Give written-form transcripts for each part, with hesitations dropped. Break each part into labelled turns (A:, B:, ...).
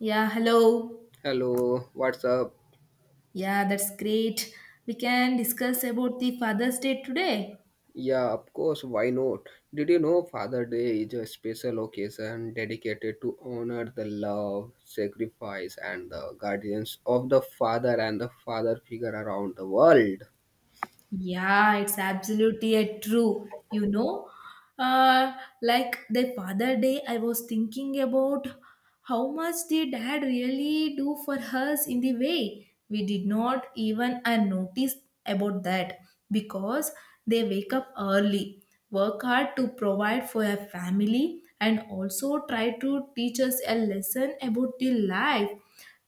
A: Yeah, hello.
B: Hello, what's up?
A: Yeah, that's great. We can discuss about the Father's Day today.
B: Yeah, of course, why not? Did you know Father Day is a special occasion dedicated to honor the love, sacrifice, and the guardians of the father and the father figure around the world?
A: Yeah, it's absolutely a true. Uh, like the Father Day, I was thinking about how much the dad really do for us in the way we did not even notice about that, because they wake up early, work hard to provide for a family, and also try to teach us a lesson about the life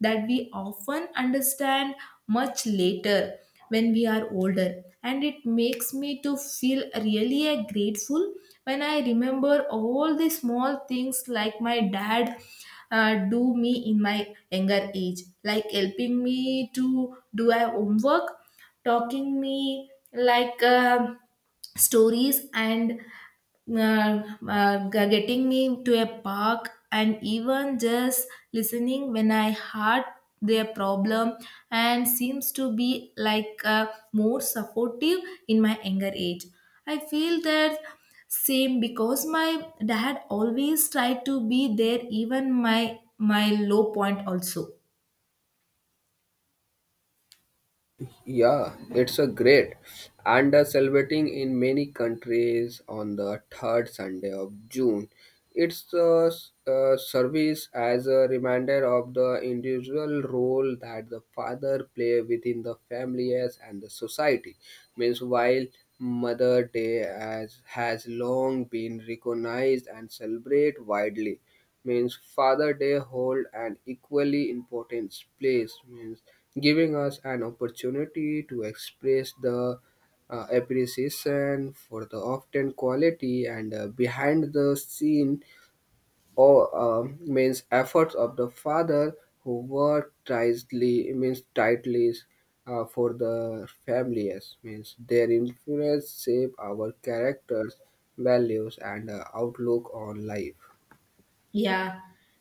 A: that we often understand much later when we are older. And it makes me to feel really grateful when I remember all the small things like my dad do me in my younger age, like helping me to do my homework, talking me like stories, and uh, getting me to a park, and even just listening when I heard their problem, and seems to be like more supportive in my younger age. I feel that same because my dad always tried to be there, even my low point also.
B: Yeah, it's a great and celebrating in many countries on the third Sunday of June. It's a a service as a reminder of the individual role that the father play within the families and the society. Means while Mother Day as has long been recognized and celebrated widely means Father Day hold an equally important place, means giving us an opportunity to express the appreciation for the often quality and behind the scene or means efforts of the father who work tightly means tightly for the families means their influence shape our characters values and outlook on life.
A: Yeah,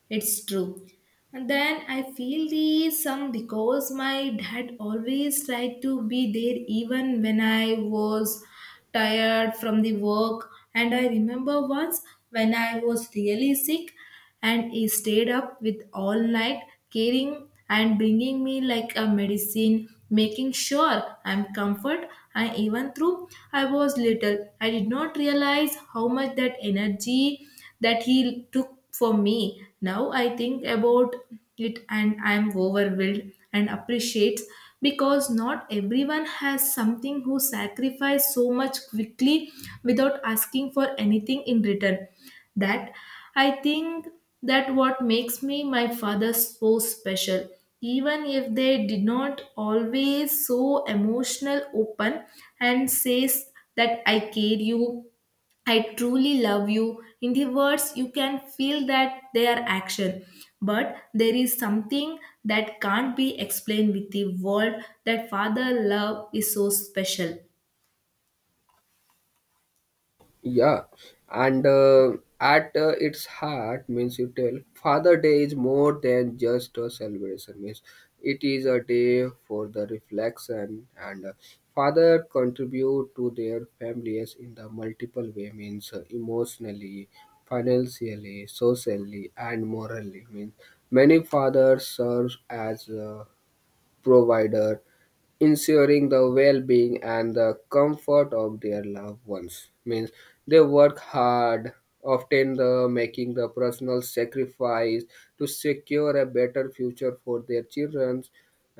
A: it's true. And then I feel the some because my dad always tried to be there, even when I was tired from the work. And I remember once when I was really sick, and he stayed up with all night, caring and bringing me like a medicine, making sure I'm comfort. And even though I was little, I did not realize how much that energy that he took for me. Now I think about it, and I am overwhelmed and appreciates, because not everyone has something who sacrifice so much quickly without asking for anything in return. That, I think, that what makes me my father so special. Even if they did not always so emotional open and says that I care you, I truly love you in the words, you can feel that their action. But there is something that can't be explained with the word, that father love is so special.
B: Yeah, and at its heart means you tell Father Day is more than just a celebration. Means it is a day for the reflection and father contribute to their families in the multiple way. Means emotionally, financially, socially, and morally. Means many fathers serve as provider, ensuring the well-being and the comfort of their loved ones. Means they work hard, often the making the personal sacrifice to secure a better future for their children.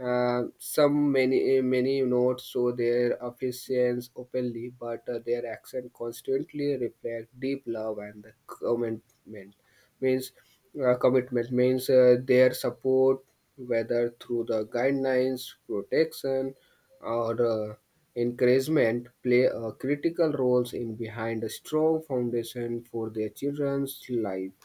B: Some many many not show their affections openly, but their actions constantly reflect deep love and the means commitment means their support whether through the guidelines protection or encouragement play a critical roles in behind a strong foundation for their children's life.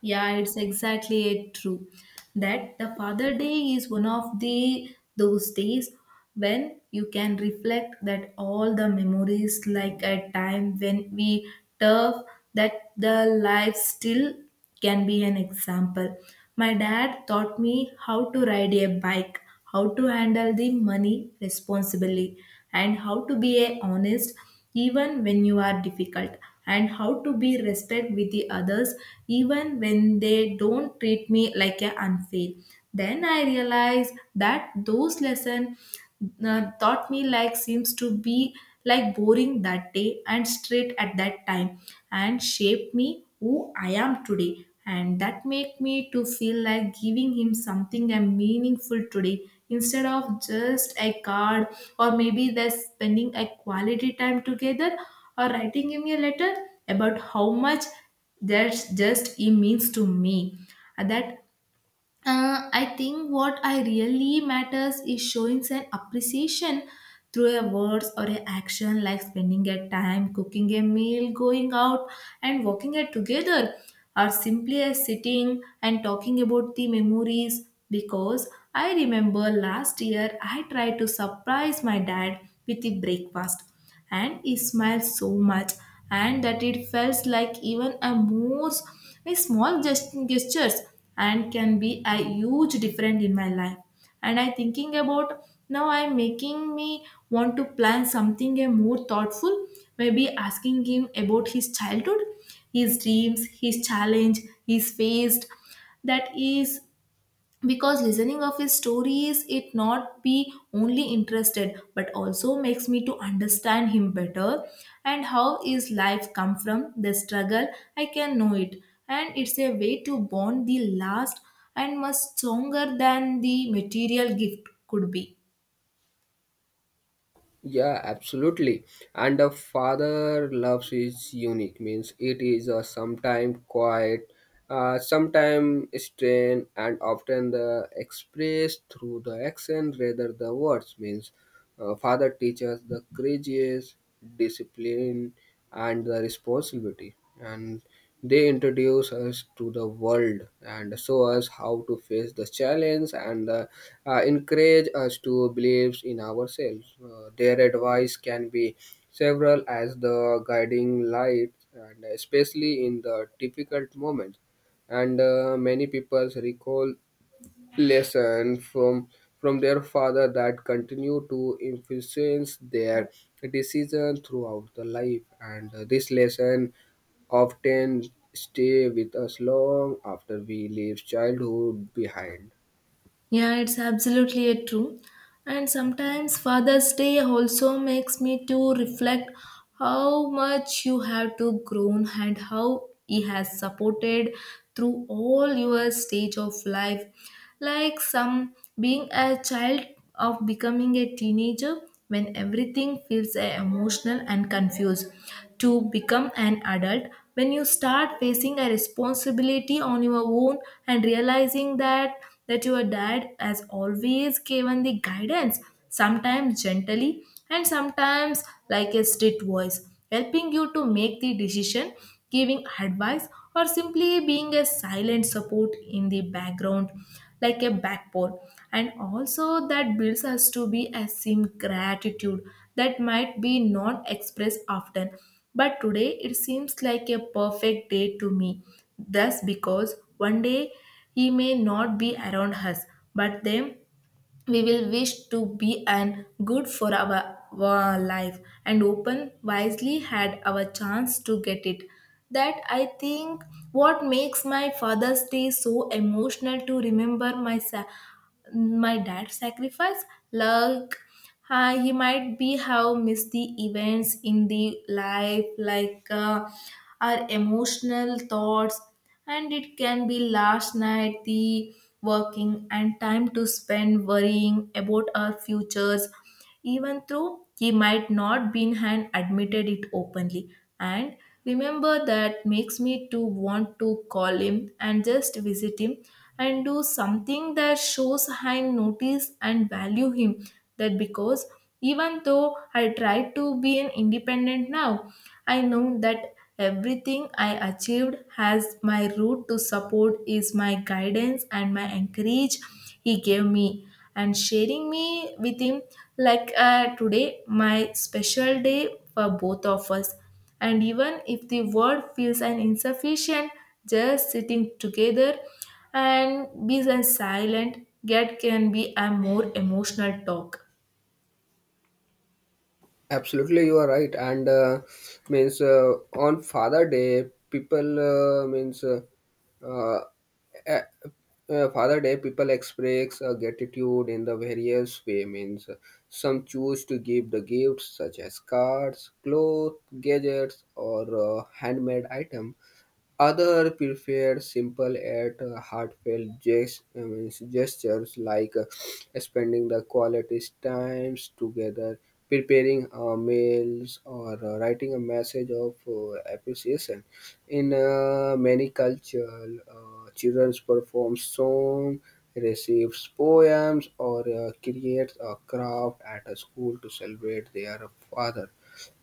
A: Yeah, it's exactly it true that the Father Day is one of the those days when you can reflect that all the memories, like a time when we tough that the life still can be an example. My dad taught me how to ride a bike, how to handle the money responsibly, and how to be a honest even when you are difficult, and how to be respect with the others even when they don't treat me like a unfair. Then I realized that those lesson taught me like seems to be like boring that day and straight at that time, and shaped me who I am today. And that make me to feel like giving him something and meaningful today, instead of just a card, or maybe they're spending a quality time together, or writing him a letter about how much that just he means to me. That I think what I really matters is showing an appreciation through a words or a action, like spending a time cooking a meal, going out and walking it together, or simply a sitting and talking about the memories. Because I remember last year I tried to surprise my dad with the breakfast, and he smiled so much. And that it felt like even a most a small gestures and can be a huge difference in my life. And I thinking about now I'm making me want to plan something a more thoughtful, maybe asking him about his childhood, his dreams, his challenge, his faced. That is, because listening of his stories it not be only interested but also makes me to understand him better, and how his life come from the struggle I can know it. And it's a way to bond the last and much stronger than the material gift could be.
B: Yeah, absolutely. And a father loves is unique means it is a sometime quiet, sometime strained, and often the expressed through the action rather the words means father teaches the courageous, discipline, and the responsibility. And they introduce us to the world and show us how to face the challenge and encourage us to believe in ourselves. Their advice can be several as the guiding light, and especially in the difficult moments. And many people recall lesson from their father that continue to influence their decision throughout the life and this lesson often stay with us long after we leave childhood behind.
A: Yeah, it's absolutely a true. And sometimes Father's Day also makes me to reflect how much you have to grown and how he has supported through all your stage of life. Like some being a child of becoming a teenager when everything feels emotional and confused, to become an adult when you start facing a responsibility on your own, and realizing that your dad has always given the guidance, sometimes gently and sometimes like a strict voice, helping you to make the decision, giving advice, or simply being a silent support in the background like a backbone. And also that builds us to be a sim gratitude that might be not expressed often, but today it seems like a perfect day to me. Thus, because one day he may not be around us, but then we will wish to be and good for our life and open wisely had our chance to get it. That, I think, what makes my Father's Day so emotional, to remember my my dad's sacrifice, like he might be have missed the events in the life, like our emotional thoughts, and it can be last night the working and time to spend worrying about our futures, even though he might not been had admitted it openly. And remember that makes me to want to call him and just visit him and do something that shows I notice and value him. That because even though I try to be an independent now, I know that everything I achieved has my root to support is my guidance and my encourage he gave me, and sharing me with him like today my special day for both of us. And even if the world feels an insufficient, just sitting together and be silent yet can be a more emotional talk.
B: Absolutely, you are right. And means on Father Day, people means uh, uh, Father Day, people express gratitude in the various way. Means some choose to give the gifts such as cards, clothes, gadgets, or handmade item. Others prefer simple yet heartfelt gestures like spending the quality times together, preparing meals, or writing a message of appreciation. In many cultures, children perform songs, receive poems, or create a craft at a school to celebrate their father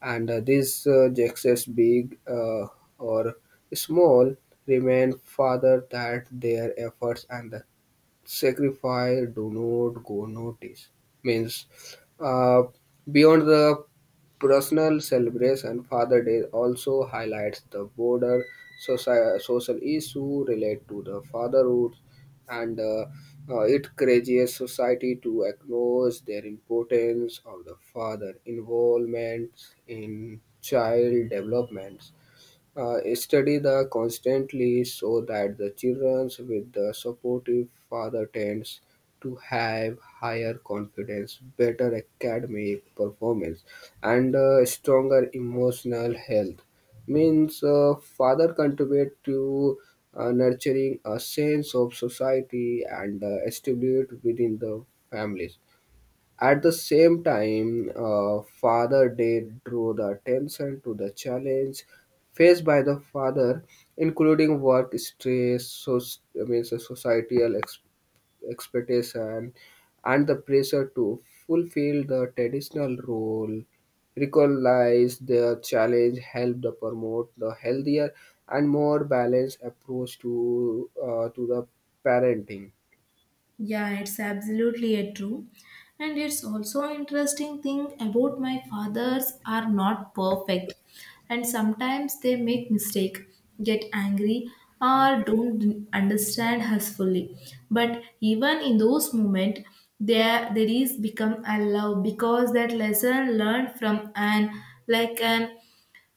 B: and this gestures big. Or small, remind fathers that their efforts and the sacrifice do not go noticed. Means, uh, beyond the personal celebration, Father Day also highlights the broader social issue related to the fatherhood, and it courageous society to acknowledge their importance of the father involvement in child development. Uh, study the constantly so that the children with the supportive father tends to have higher confidence better academic performance and stronger emotional health means father contribute to nurturing a sense of society and stability within the families at the same time. Uh, Father Day drew the attention to the challenge faced by the father, including work stress, so societal expectation, and the pressure to fulfill the traditional role. Recognize the challenge, help the promote the healthier and more balanced approach to the parenting.
A: Yeah, it's absolutely a true. And it's also interesting thing about my fathers are not perfect, and sometimes they make mistake, get angry, or don't understand us fully. But even in those moments, there is become a love, because that lesson learned from an like an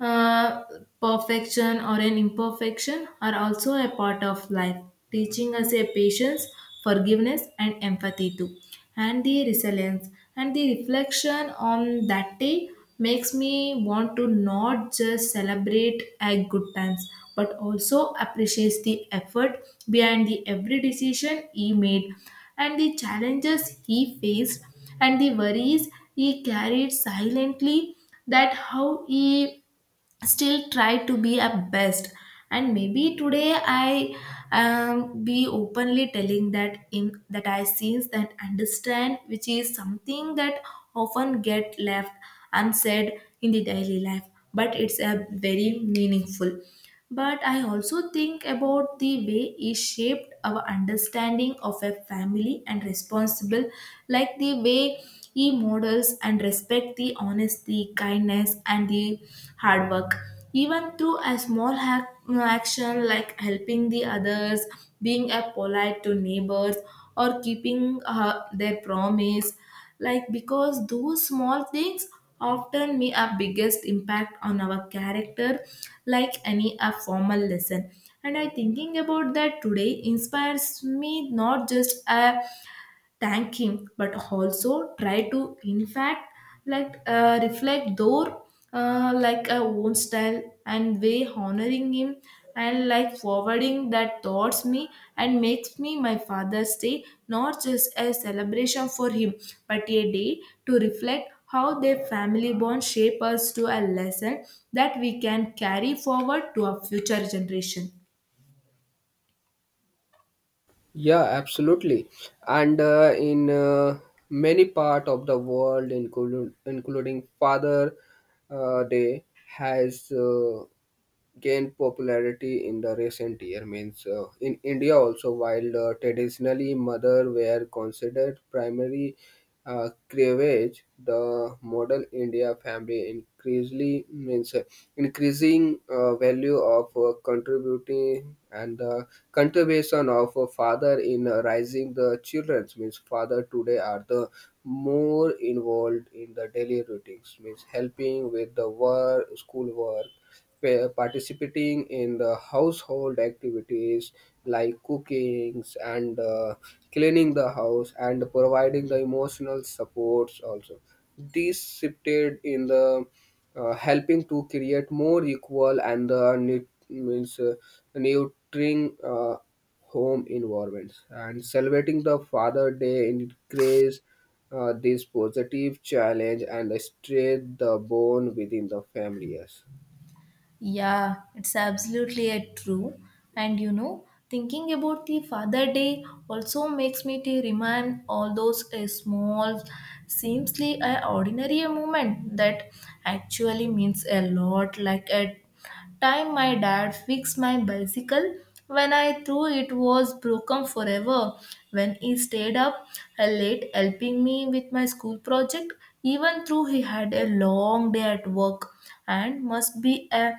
A: uh, perfection or an imperfection are also a part of life, teaching us a patience, forgiveness, and empathy too, and the resilience. And the reflection on that day makes me want to not just celebrate a good times, but also appreciate the effort behind the every decision he made, and the challenges he faced, and the worries he carried silently. That how he still try to be at best. And maybe today I be openly telling that in that I sense and understand, which is something that often get left unsaid in the daily life, but it's a very meaningful. But I also think about the way it shaped our understanding of a family and responsible, like the way he models and respect the honesty, kindness, and the hard work. Even through a small hack, action like helping the others, being a polite to neighbors, or keeping their promise, like because those small things often make our biggest impact on our character, like any a formal lesson. And I thinking about that today inspires me not just a thank him, but also try to in fact like reflect their like a own style and way honoring him, and like forwarding that towards me. And makes me my father's day not just a celebration for him, but a day to reflect how their family bond shape us to a lesson that we can carry forward to our future generation.
B: Yeah, absolutely. And in many part of the world, including Father Day, has gained popularity in the recent year. Means in India also, while traditionally mother were considered primary cleavage, the model India family increasingly means increasing value of contributing and the contribution of a father in raising the children means father today are the more involved in the daily routines means helping with the work school work participating in the household activities like cooking and cleaning the house and providing the emotional supports also this shifted in the helping to create more equal and the means nurturing home environments and celebrating the father day increase this positive challenge and strengthen the bond within the families.
A: Yeah, it's absolutely a true. And thinking about the Father Day also makes me to remind all those small, seemsly ordinary moment that actually means a lot. Like a time my dad fixed my bicycle when I threw it was broken forever. When he stayed up late helping me with my school project, even though he had a long day at work and must be a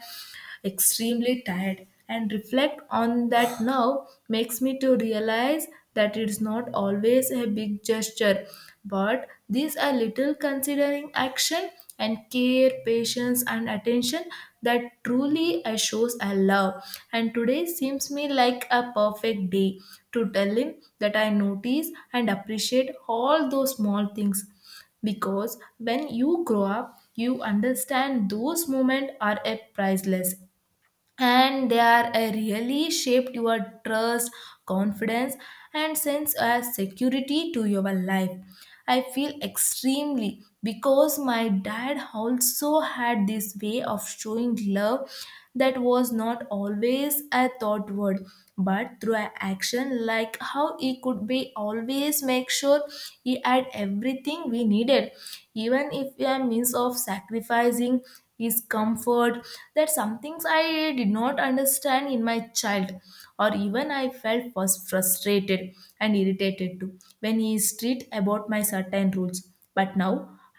A: extremely tired. And reflect on that now makes me to realize that it's not always a big gesture, but these are little considering action and care, patience and attention that truly shows I love. And today seems me like a perfect day to tell him that I notice and appreciate all those small things, because when you grow up you understand those moments are a priceless, and they are really shaped your trust, confidence, and sense of security to your life. I feel extremely because my dad also had this way of showing love that was not always a thought word, but through an action like how he could be always make sure he had everything we needed, even if a means of sacrificing his comfort. That some things I did not understand in my child, or even I felt was frustrated and irritated too when he is strict about my certain rules. But now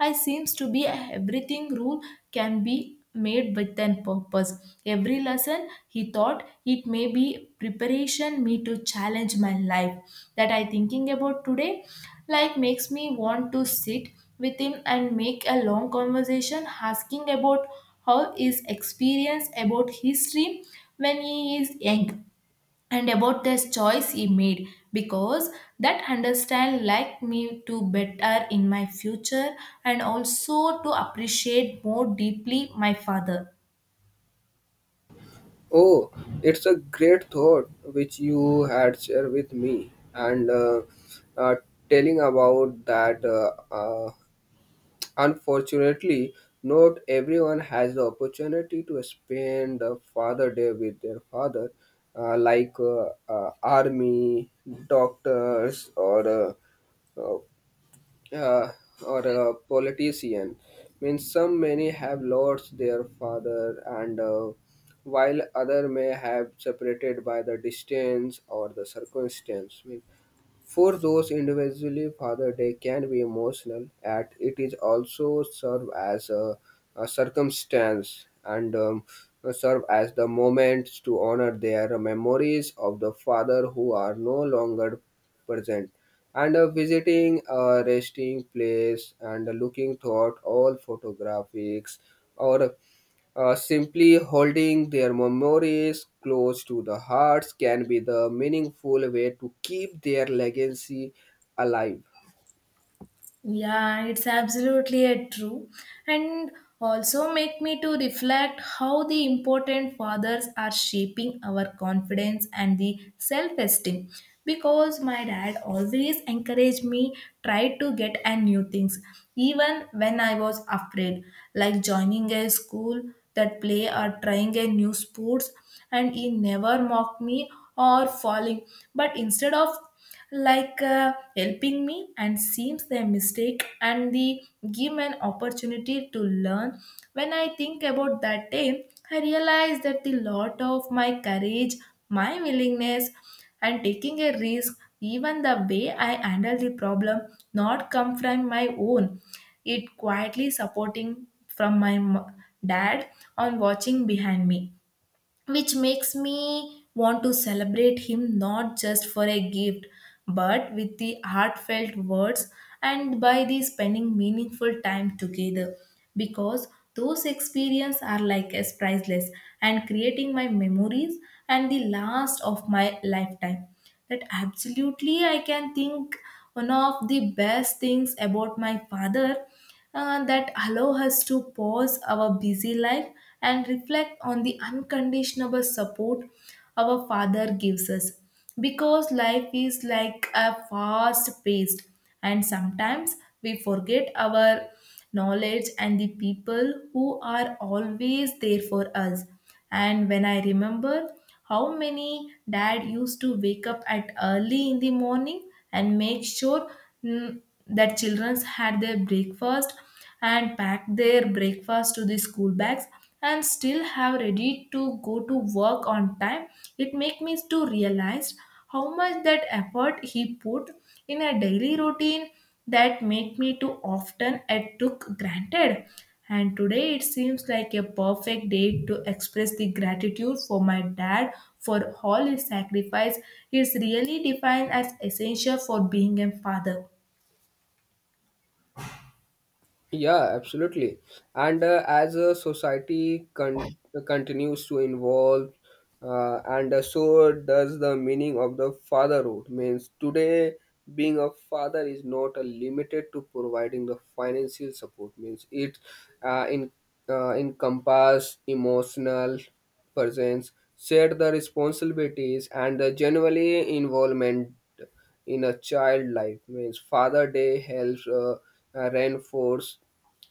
A: I seems to be everything rule can be made with an purpose. Every lesson he thought it may be preparation me to challenge my life. That I thinking about today, like makes me want to sit with him and make a long conversation asking about how his experience about history when he is young and about this choice he made because that understand like me to better in my future and also to appreciate more deeply my father.
B: Oh, it's a great thought which you had shared with me, and uh, telling about that. Unfortunately, not everyone has the opportunity to spend the Father Day with their father, like army, doctors, uh, uh, or a politician means some many have lost their father and while other may have separated by the distance or the circumstance. Means for those individually Father Day can be emotional, and it is also serve as a circumstance and serve as the moments to honor their memories of the father who are no longer present. And visiting a resting place and looking toward all photographics or simply holding their memories close to the hearts can be the meaningful way to keep their legacy alive.
A: Yeah, it's absolutely a true. And also make me to reflect how the important fathers are shaping our confidence and the self-esteem. Because my dad always encouraged me try to get and new things, even when I was afraid, like joining a school that play or trying a new sports. And he never mocked me or falling, but instead of helping me and seems their mistake and the give an opportunity to learn when I think about that day I realize that the lot of my courage my willingness and taking a risk even the way I handle the problem not come from my own it quietly supporting from dad on watching behind me, which makes me want to celebrate him not just for a gift but with the heartfelt words and by the spending meaningful time together because those experiences are like as priceless and creating my memories and the last of my lifetime that absolutely I can think one of the best things about my father, that allow us to pause our busy life and reflect on the unconditional support our father gives us because life is like a fast paced and sometimes we forget our knowledge and the people who are always there for us. And when I remember how many dad used to wake up at early in the morning and make sure mm, that children had their breakfast and packed their breakfast to the school bags and still have ready to go to work on time, it make me to realize how much that effort he put in a daily routine that make me too often I took granted. And today it seems like a perfect day to express the gratitude for my dad for all his sacrifice. He's really defined as essential for being a father.
B: Yeah, absolutely. And as a society continues to evolve, and so does the meaning of the fatherhood. Means today, being a father is not limited to providing the financial support. Means it in encompass emotional presence, shared the responsibilities, and the generally involvement in a child life means father day helps reinforce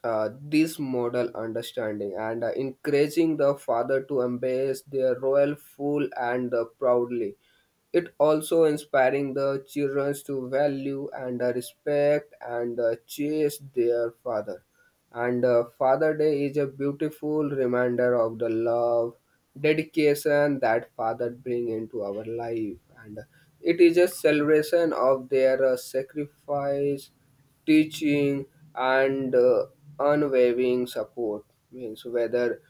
B: this model understanding and encouraging the father to embrace their role full and proudly it also inspiring the children to value and respect and chase their father and Father Day is a beautiful reminder of the love, dedication that Father bring into our life. And it is a celebration of their sacrifice, teaching, and unwavering support. Means whether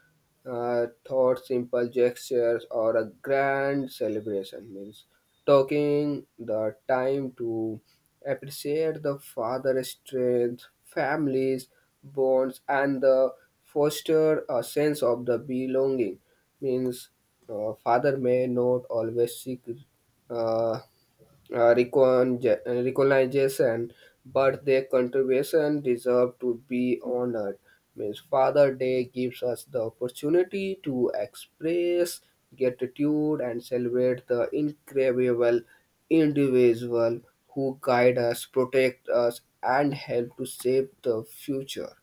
B: thought simple gestures or a grand celebration means taking the time to appreciate the father's strength families bonds and the foster a sense of the belonging means father may not always seek uh, uh, recon- recognition, but their contribution deserve to be honored. Means Father Day gives us the opportunity to express gratitude and celebrate the incredible individual who guide us, protect us, and help to shape the future.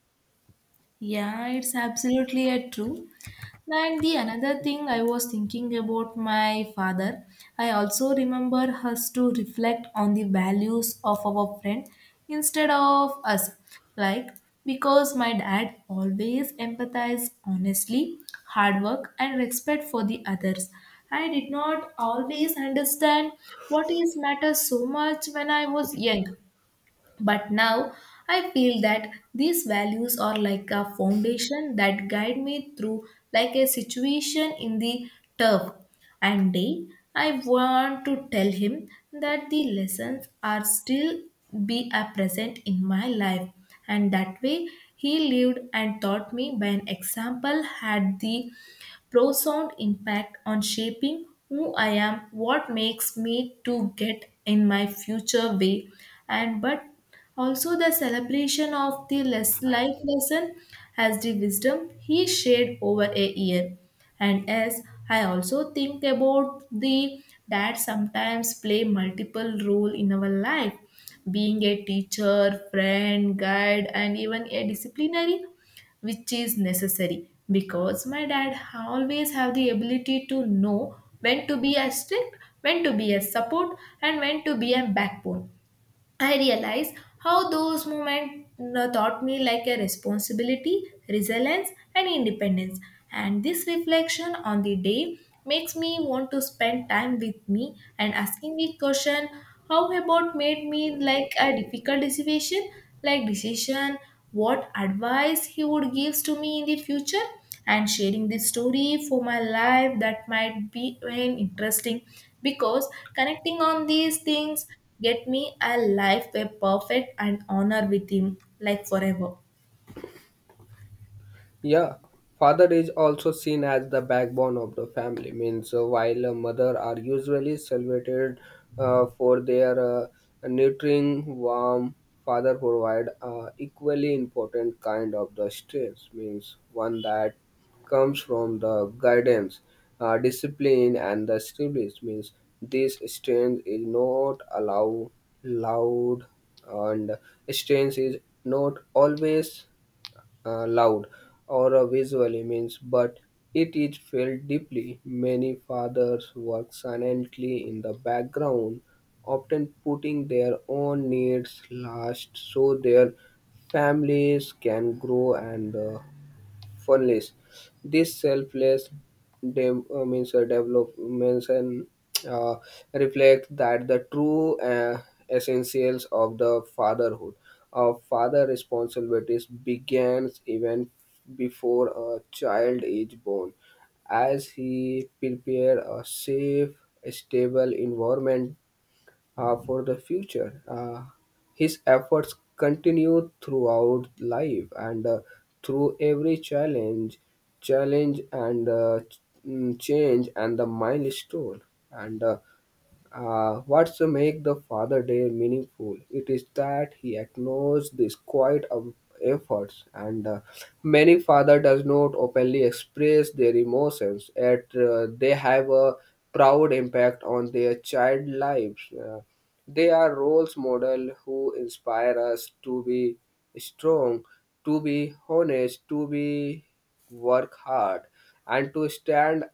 A: Yeah, it's absolutely a true. And the another thing I was thinking about my father, I also remember us to reflect on the values of our friend instead of us. Like because my dad always empathized honestly, hard work and respect for the others. I did not always understand what is matters so much when I was young. But now I feel that these values are like a foundation that guide me through like a situation in the turf. And day I want to tell him that the lessons are still be a present in my life and that way he lived and taught me by an example had the profound impact on shaping who I am, what makes me to get in my future way, and but also the celebration of the less life lesson as the wisdom he shared over a year. And as I also think about the that sometimes play multiple role in our life, being a teacher, friend, guide, and even a disciplinary which is necessary because my dad always have the ability to know when to be a strict when to be a support and when to be a backbone. I realize how those moments taught me like a responsibility, resilience, and independence. And this reflection on the day makes me want to spend time with me and asking the question how about made me like a difficult decision, like decision, what advice he would give to me in the future and sharing this story for my life that might be an interesting because connecting on these things get me a life where perfect and honor with him like forever.
B: Yeah, father is also seen as the backbone of the family. Means while a mother are usually celebrated for their nurturing, warm father provide equally important kind of the stress. Means one that comes from the guidance, discipline, and the stability. Means this strength is not allow loud and strength is not always loud or a visual image, but it is felt deeply. Many fathers work silently in the background, often putting their own needs last so their families can grow and funnels. This selfless means developments and uh, reflect that the true essentials of the fatherhood. Of father responsibilities begins even before a child is born as he prepare a safe, stable environment for the future. His efforts continued throughout life and through every challenge, challenge and ch- mm, change and the milestone. And what's make the Father Day meaningful? It is that he acknowledges this quiet efforts, and many father does not openly express their emotions, yet they have a proud impact on their child lives. They are roles model who inspire us to be strong, to be honest, to be work hard, and to stand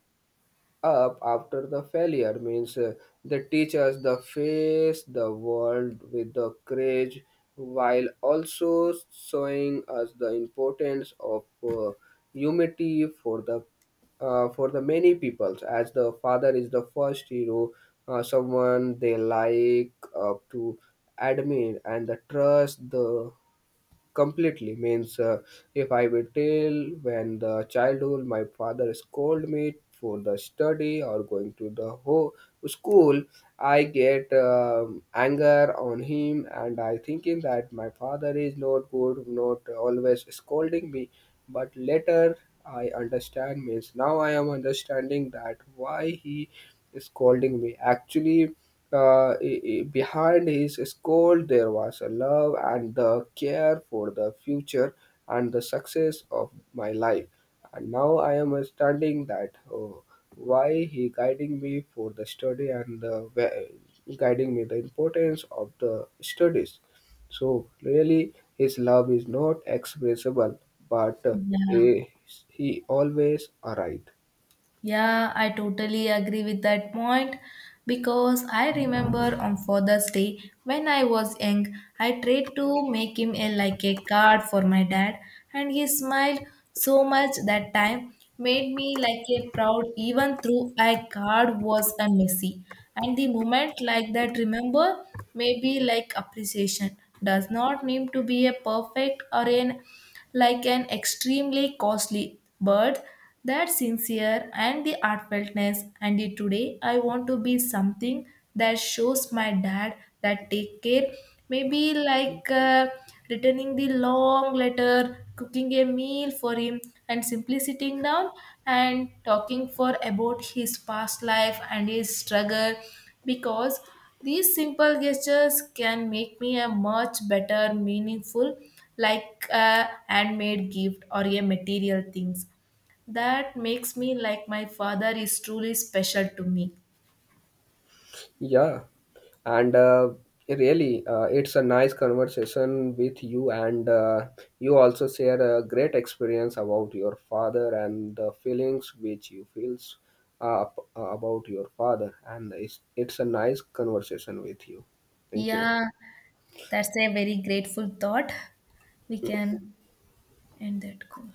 B: up after the failure means they teach us the face the world with the courage while also showing us the importance of humility for the many peoples as the father is the first hero someone they like up to admin and the trust the completely means if I will tell when the childhood my father scold me for the study or going to the school I get anger on him and I thinking that my father is not good not always scolding me but later I understand means now I am understanding that why he is scolding me. Actually, behind his scold there was a love and the care for the future and the success of my life. And now I am understanding that oh, why he guiding me for the study and the guiding me the importance of the studies. So really, his love is not expressible, but
A: Yeah.
B: eh, he always arrived.
A: Yeah, I totally agree with that point because I remember on Father's Day when I was young, I tried to make him a, like a card for my dad, and he smiled so much that time made me like a proud even though I card was a messy. And the moment like that, remember, maybe like appreciation does not need to be a perfect or an like an extremely costly but that sincere and the heartfeltness and the today I want to be something that shows my dad that take care, maybe like returning the long letter cooking a meal for him and simply sitting down and talking for about his past life and his struggle because these simple gestures can make me a much better meaningful like a handmade gift or a material things that makes me like my father is truly special to me.
B: Yeah, and it's a nice conversation with you, and you also share a great experience about your father and the feelings which you feels about your father, and it's a nice conversation with you. Thank you.
A: Yeah, that's a very grateful thought. We can end that call.